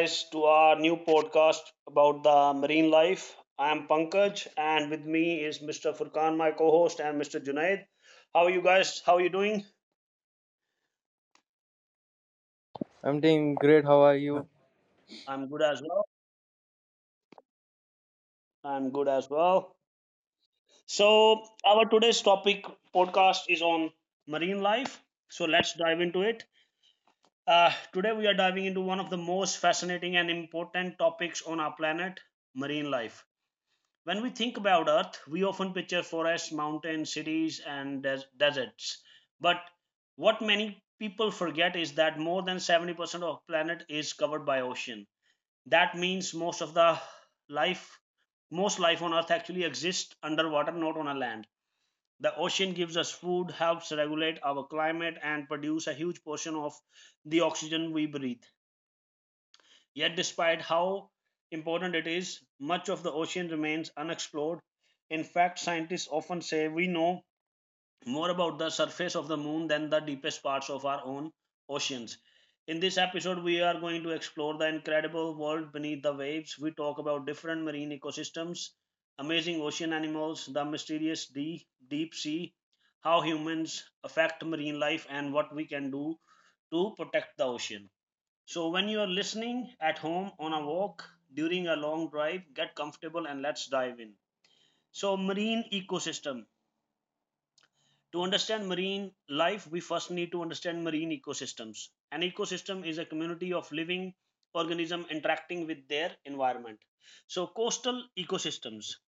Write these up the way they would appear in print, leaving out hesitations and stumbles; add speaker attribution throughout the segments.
Speaker 1: guys, to our new podcast about the marine life. I am Pankaj, and with me is Mr. Furkan, my co host, and Mr. Junaid. How are you guys? How are you doing?
Speaker 2: I'm doing great. How are you?
Speaker 1: I'm good as well. I'm good as well. So, our today's topic podcast is on marine life. So, let's dive into it. Today, we are diving into one of the most fascinating and important topics on our planet marine life. When we think about Earth, we often picture forests, mountains, cities, and deserts. But what many people forget is that more than 70% of planet is covered by ocean. That means most of the life, most life on Earth actually exists underwater, not on a land. The ocean gives us food, helps regulate our climate, and produce a huge portion of the oxygen we breathe. Yet, despite how important it is, much of the ocean remains unexplored. In fact, scientists often say we know more about the surface of the moon than the deepest parts of our own oceans. In this episode, we are going to explore the incredible world beneath the waves. We talk about different marine ecosystems, amazing ocean animals, the mysterious deep sea, how humans affect marine life, and what we can do to protect the ocean. So, when you are listening at home, on a walk, during a long drive, get comfortable and let's dive in. So, marine ecosystem. To understand marine life, we first need to understand marine ecosystems. An ecosystem is a community of living organism interacting with their environment. So, coastal ecosystems.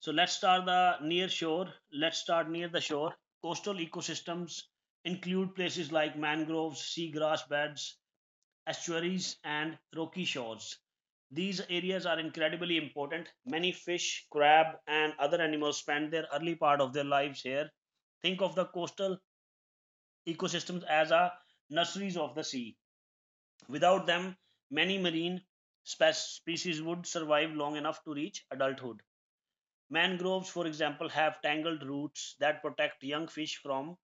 Speaker 1: So, let's start the near shore. Let's start near the shore. Coastal ecosystems include places like mangroves, seagrass beds, estuaries, and rocky shores. These areas are incredibly important. Many fish, crab, and other animals spend their early part of their lives here. Think of the coastal ecosystems as a nurseries of the sea. Without them, many marine species would survive long enough to reach adulthood. Mangroves, for example, have tangled roots that protect young fish from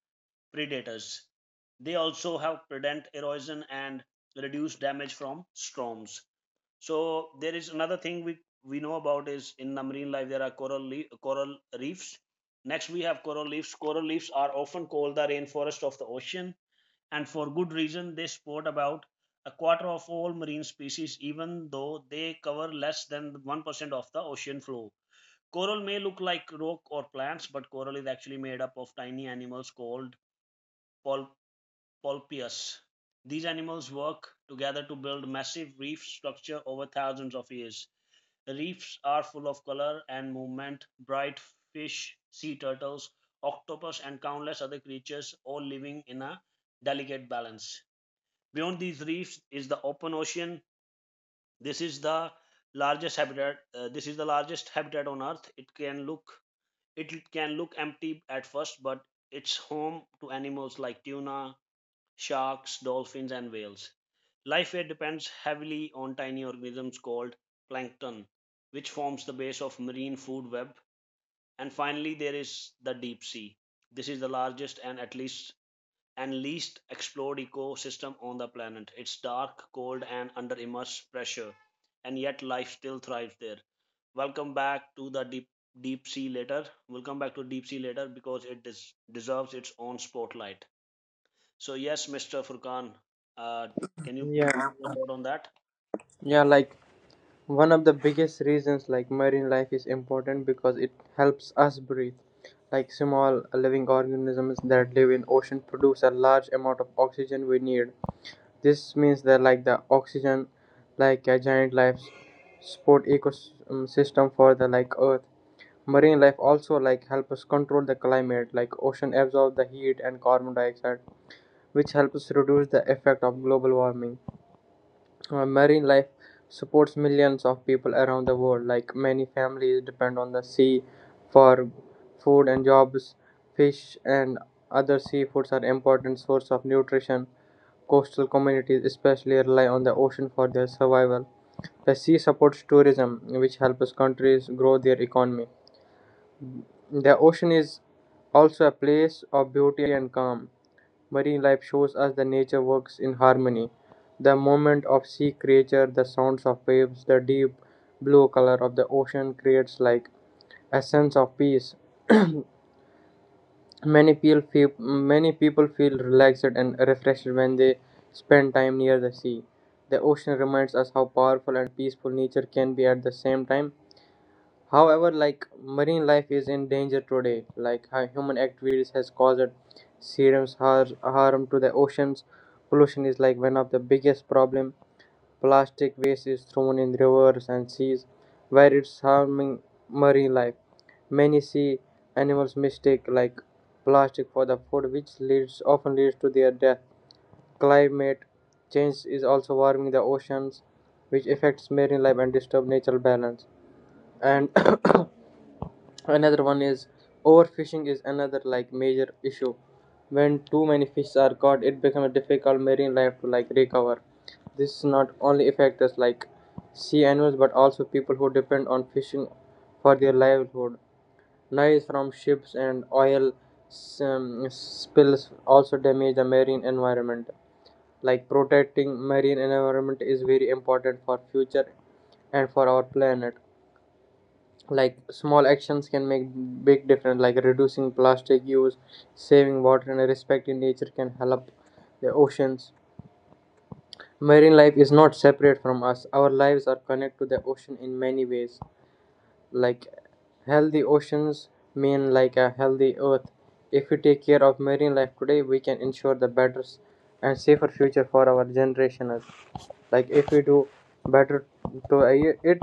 Speaker 1: predators. They also help prevent erosion and reduce damage from storms. So there is another thing we know about is in the marine life there are coral coral reefs. Next we have coral reefs. Coral reefs are often called the rainforest of the ocean, and for good reason. They support about a quarter of all marine species, even though they cover less than 1% of the ocean floor. Coral may look like rock or plants, but coral is actually made up of tiny animals called pol- polypias. These animals work together to build massive reef structure over thousands of years. The reefs are full of color and movement bright fish, sea turtles, octopus, and countless other creatures, all living in a delicate balance. Beyond these reefs is the open ocean. This is the largest habitat. This is the largest habitat on Earth. It can look empty at first, but it's home to animals like tuna, sharks, dolphins, and whales. Life here depends heavily on tiny organisms called plankton, which forms the base of marine food web. And finally, there is the deep sea. This is the largest and at least and least explored ecosystem on the planet. It's dark, cold, and under immense pressure, and yet life still thrives there. Welcome back to the deep sea later. We'll come back to deep sea later because it deserves its own spotlight. So yes, Mr. Furkan, uh, can you
Speaker 2: Yeah,
Speaker 1: please give your thought on that?
Speaker 2: Yeah, like one of the biggest reasons like marine life is important because it helps us breathe. Like small living organisms that live in ocean produce a large amount of oxygen we need. This means that like the oxygen like a giant life support ecosystem for the like earth. Marine life also like help us control the climate like ocean absorb the heat and carbon dioxide, which helps reduce the effect of global warming. Marine life supports millions of people around the world. Like many families depend on the sea for food and jobs. Fish and other seafoods are important source of nutrition. Coastal communities especially rely on the ocean for their survival. The sea supports tourism, which helps countries grow their economy. The ocean is also a place of beauty and calm. Marine life shows us the nature works in harmony. The movement of sea creatures, the sounds of waves, the deep blue color of the ocean creates like a sense of peace. Many people feel relaxed and refreshed when they spend time near the sea. The ocean reminds us how powerful and peaceful nature can be at the same time. However, like marine life is in danger today, like human activities has caused serious harm to the oceans. Pollution is like one of the biggest problem. Plastic waste is thrown in rivers and seas, where it's harming marine life. Many sea animals mistake like plastic for the food, which leads often leads to their death. Climate change is also warming the oceans, which affects marine life and disturb natural balance. And another one is overfishing is another like major issue. When too many fish are caught, it becomes difficult marine life to like recover. This not only affects us like sea animals but also people who depend on fishing for their livelihood. Noise from ships and oil spills also damage the marine environment. Like protecting marine environment is very important for future and for our planet. Like small actions can make big difference, like reducing plastic use, saving water and respecting nature can help the oceans. Marine life is not separate from us. Our lives are connected to the ocean in many ways, like healthy oceans mean like a healthy earth. If we take care of marine life today, we can ensure the better and safer future for our generations. Like if we do better to it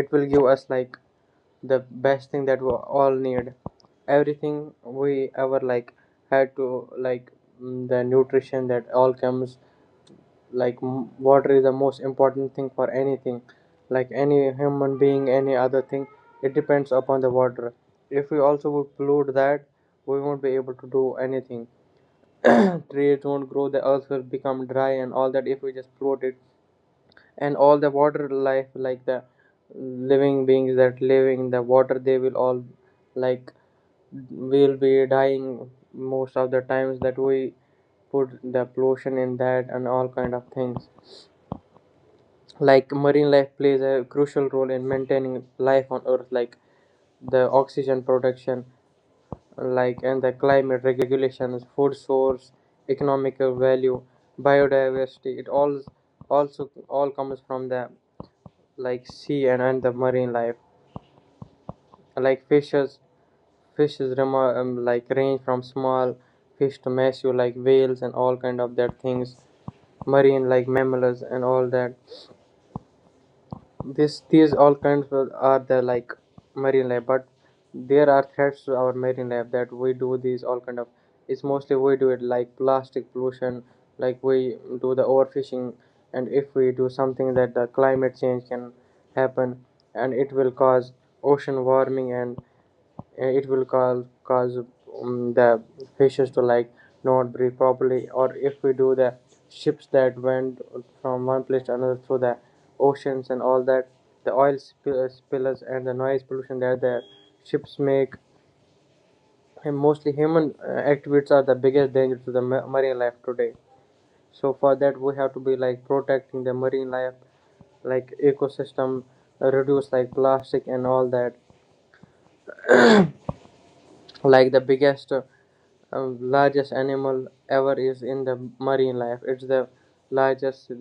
Speaker 2: it, will give us like the best thing that we all need, everything we ever like had to like the nutrition that all comes like water is the most important thing for anything, like any human being, any other thing, it depends upon the water. If we also would pollute that, we won't be able to do anything. Trees won't grow, the earth will become dry and all that, if we just pollute it. And all the water life, like the living beings that live in the water, they will all like will be dying most of the times that we put the pollution in that and all kind of things. Like marine life plays a crucial role in maintaining life on earth, like the oxygen production like and the climate regulations, food source, economical value, biodiversity, it all also all comes from the like sea and the marine life. Like fishes, like range from small fish to massive like whales and all kind of that things. Marine like mammals and all that. This these all kinds of are the like marine life, but there are threats to our marine life that we do these all kind of. It's mostly we do it like plastic pollution, like we do the overfishing, and if we do something that the climate change can happen, and it will cause ocean warming, and it will cause the fishes to like not breathe properly. Or if we do the ships that went from one place to another through the oceans and all that, the oil spills and the noise pollution that the ships make, and mostly human activities are the biggest danger to the marine life today. So for that we have to be like protecting the marine life like ecosystem, reduce like plastic and all that. Like the biggest largest animal ever is in the marine life, it's the largest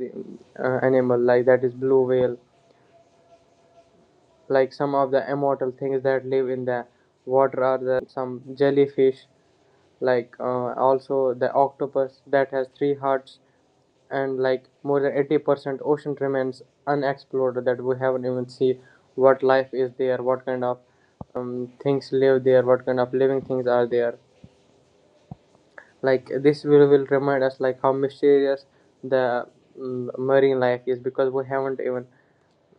Speaker 2: animal like that is blue whale. Like some of the immortal things that live in the water are the some jellyfish, like also the octopus that has three hearts, and like more than 80% ocean remains unexplored, that we haven't even see what life is there, what kind of things live there, what kind of living things are there. Like this will remind us like how mysterious the marine life is, because we haven't even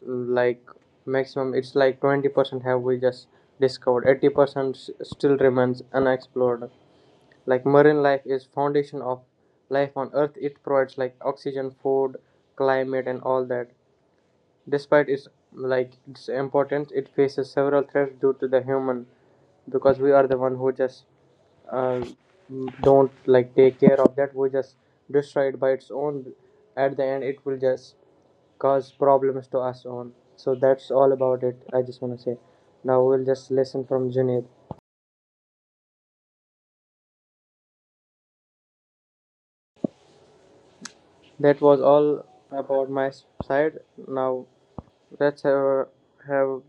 Speaker 2: like maximum it's like 20% have we just discovered, 80% still remains unexplored. Like marine life is foundation of life on earth, it provides like oxygen, food, climate and all that. Despite its like its importance, it faces several threats due to the human, because we are the one who just uh, don't like take care of that, we just destroy it by its own. At the end it will just cause problems to us on. So that's all about it. I just want to say now we'll just listen from Junaid. That was all about my side. Now let's have a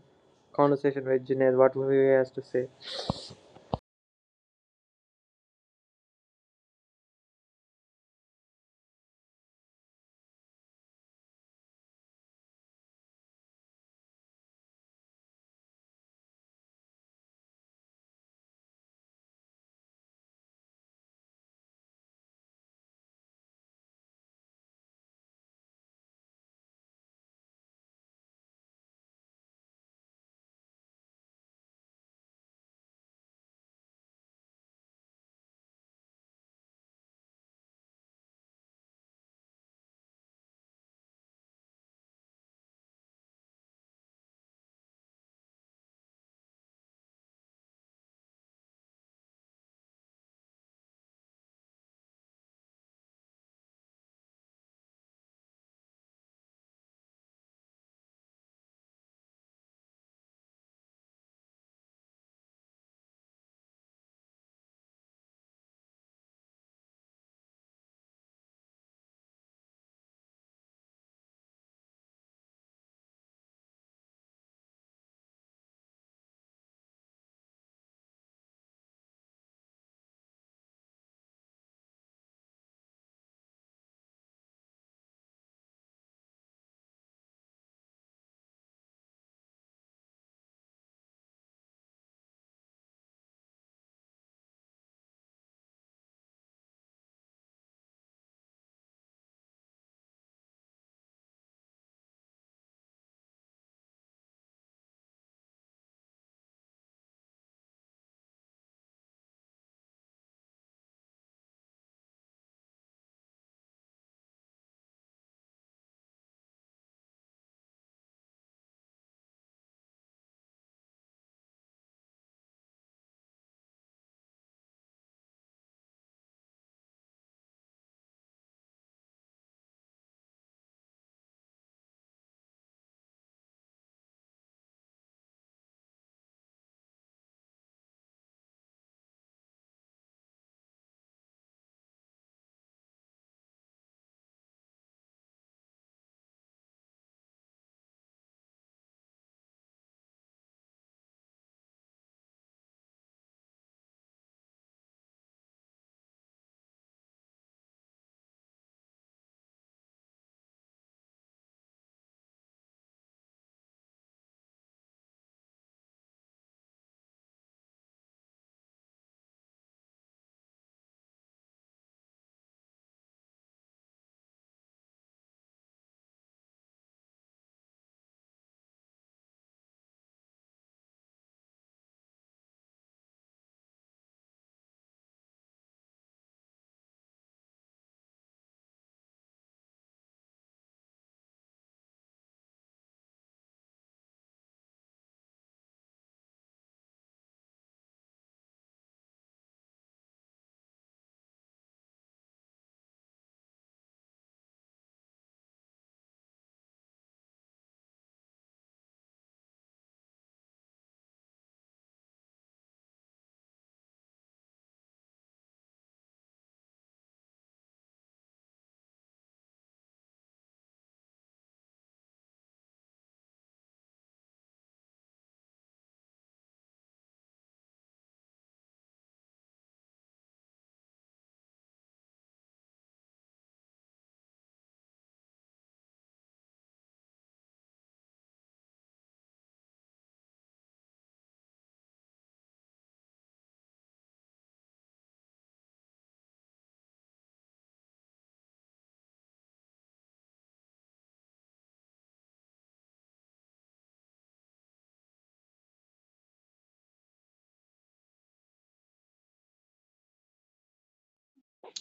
Speaker 2: conversation with Junaid, what he has to say.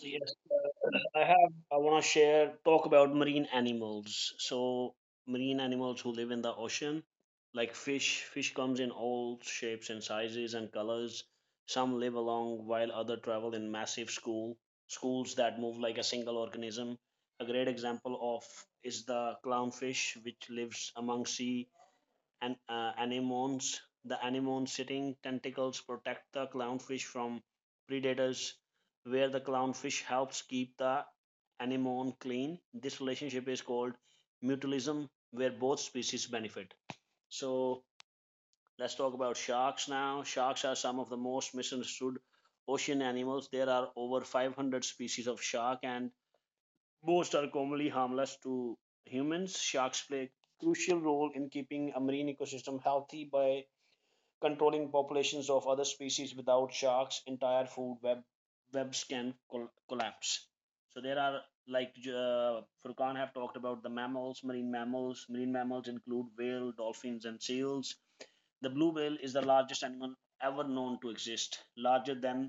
Speaker 1: Yes, I have. I want to share talk about marine animals. So marine animals who live in the ocean, like fish. Fish comes in all shapes and sizes and colors. Some live along while other travel in massive schools that move like a single organism. A great example of is the clownfish, which lives among sea anemones. The anemones sitting tentacles protect the clownfish from predators, where the clownfish helps keep the anemone clean. This relationship is called mutualism, where both species benefit. So let's talk about sharks now. Sharks are some of the most misunderstood ocean animals. There are over 500 species of shark, and most are commonly harmless to humans. Sharks play a crucial role in keeping a marine ecosystem healthy by controlling populations of other species without sharks entire food web webs can collapse so there are like furkan have talked about the mammals marine mammals marine mammals include whale dolphins and seals the blue whale is the largest animal ever known to exist larger than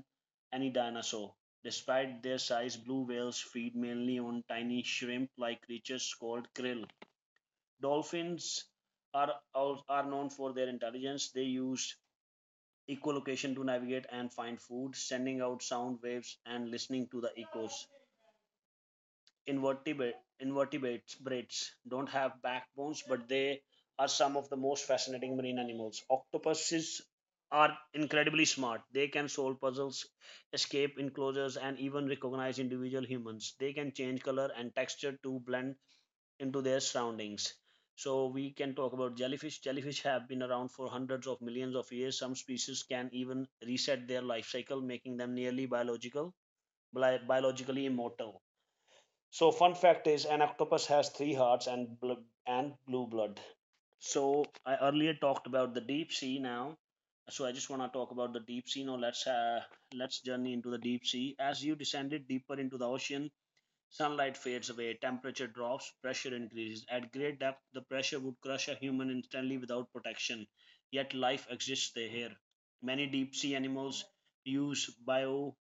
Speaker 1: any dinosaur despite their size blue whales feed mainly on tiny shrimp like creatures called krill dolphins are are known for their intelligence they use echolocation to navigate and find food, sending out sound waves and listening to the echoes. Invertebrate, invertebrates don't have backbones, but they are some of the most fascinating marine animals. Octopuses are incredibly smart. They can solve puzzles, escape enclosures, and even recognize individual humans. They can change color and texture to blend into their surroundings. So we can talk about jellyfish. Jellyfish have been around for hundreds of millions of years. Some species can even reset their life cycle, making them nearly biological, biologically immortal. So fun fact is, an octopus has three hearts and blue blood. So I earlier talked about the deep sea. Now, so I just want to talk about the deep sea. Now let's journey into the deep sea. As you descended deeper into the ocean, sunlight fades away, temperature drops, pressure increases. At great depth, the pressure would crush a human instantly without protection. Yet life exists there. Many deep sea animals use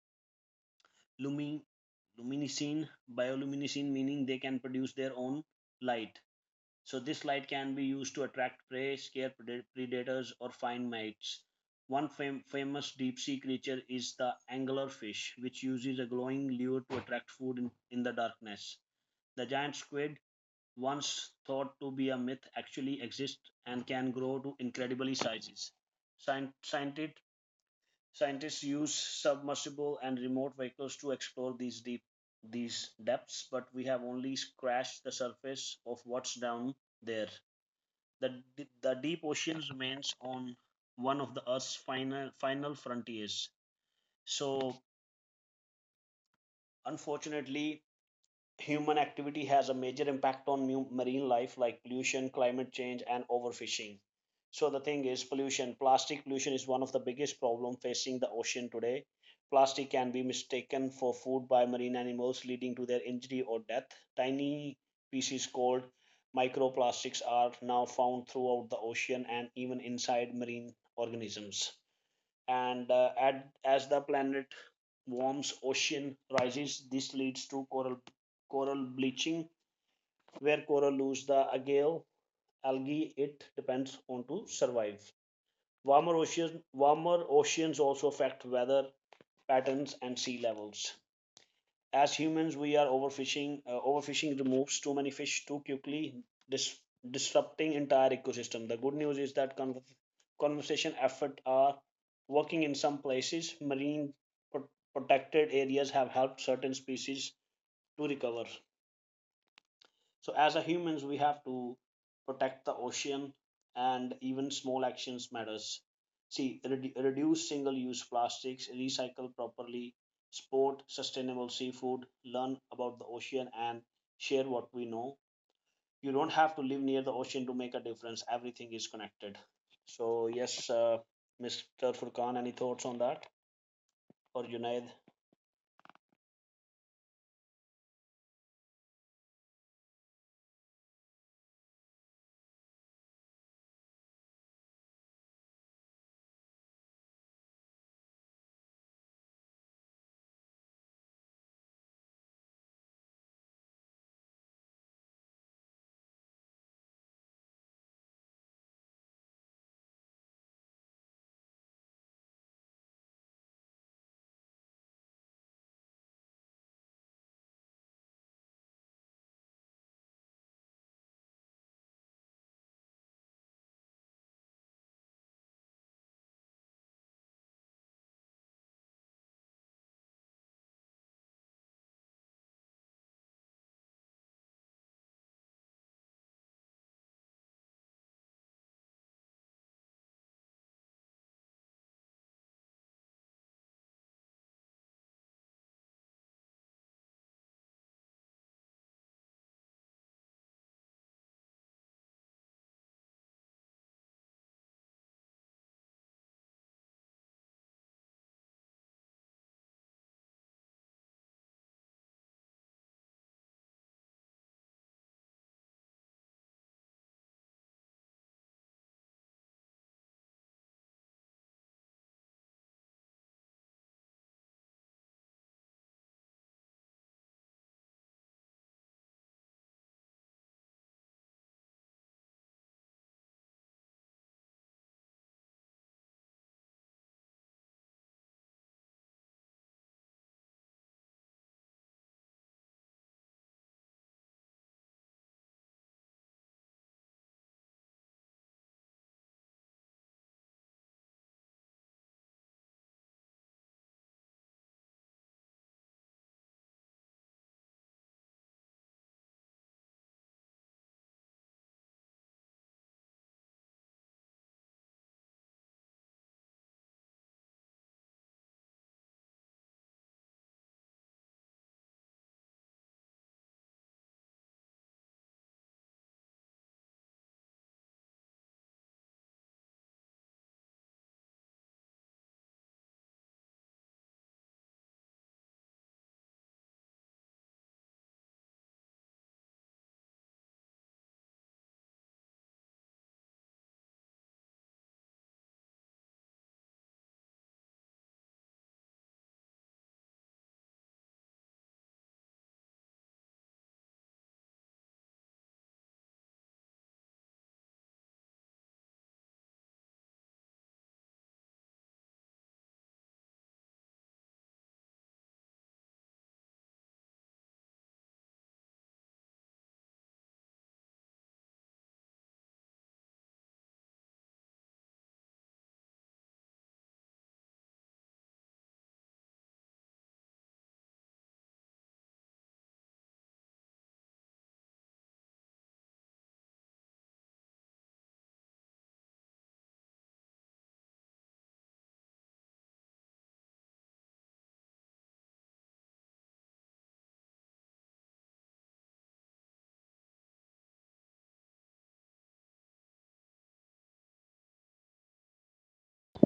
Speaker 1: bioluminescence meaning they can produce their own light. So this light can be used to attract prey, scare predators, or find mates. One famous deep sea creature is the anglerfish, which uses a glowing lure to attract food in the darkness. The giant squid, once thought to be a myth, actually exists and can grow to incredible sizes. Scient- Scientists, scientists use submersible and remote vehicles to explore these deep these depths, but we have only scratched the surface of what's down there. The, the deep ocean remains on one of the Earth's final frontiers. So, unfortunately, human activity has a major impact on marine life like pollution climate change and overfishing so the thing is pollution plastic pollution is one of the biggest problem facing the ocean today plastic can be mistaken for food by marine animals leading to their injury or death tiny pieces called microplastics are now found throughout the ocean and even inside marine organisms and as the planet warms ocean rises this leads to coral bleaching where coral lose the agave algae it depends on to survive warmer oceans also affect weather patterns and sea levels as humans we are overfishing overfishing removes too many fish too quickly dis- disrupting entire ecosystem the good news is that conservation efforts are working in some places marine pro- protected areas have helped certain species to recover so as a humans, we have to protect the ocean, and even small actions matters. See, reduce single-use plastics, recycle properly, sport sustainable seafood, learn about the ocean, and share what we know. You don't have to live near the ocean to make a difference. Everything is connected. So yes, Mr. Furkan, any thoughts on that or Junaid?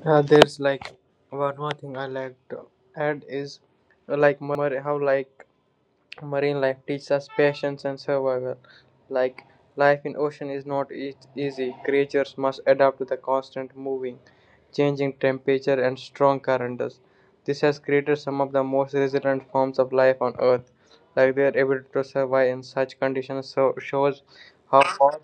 Speaker 2: There's like one more thing I like to add is like how like Marine life teaches us patience and survival. Like life in ocean is not easy. Creatures must adapt to the constant moving, changing temperature and strong currents. This has created some of the most resilient forms of life on Earth. Like their ability to survive in such conditions so shows how far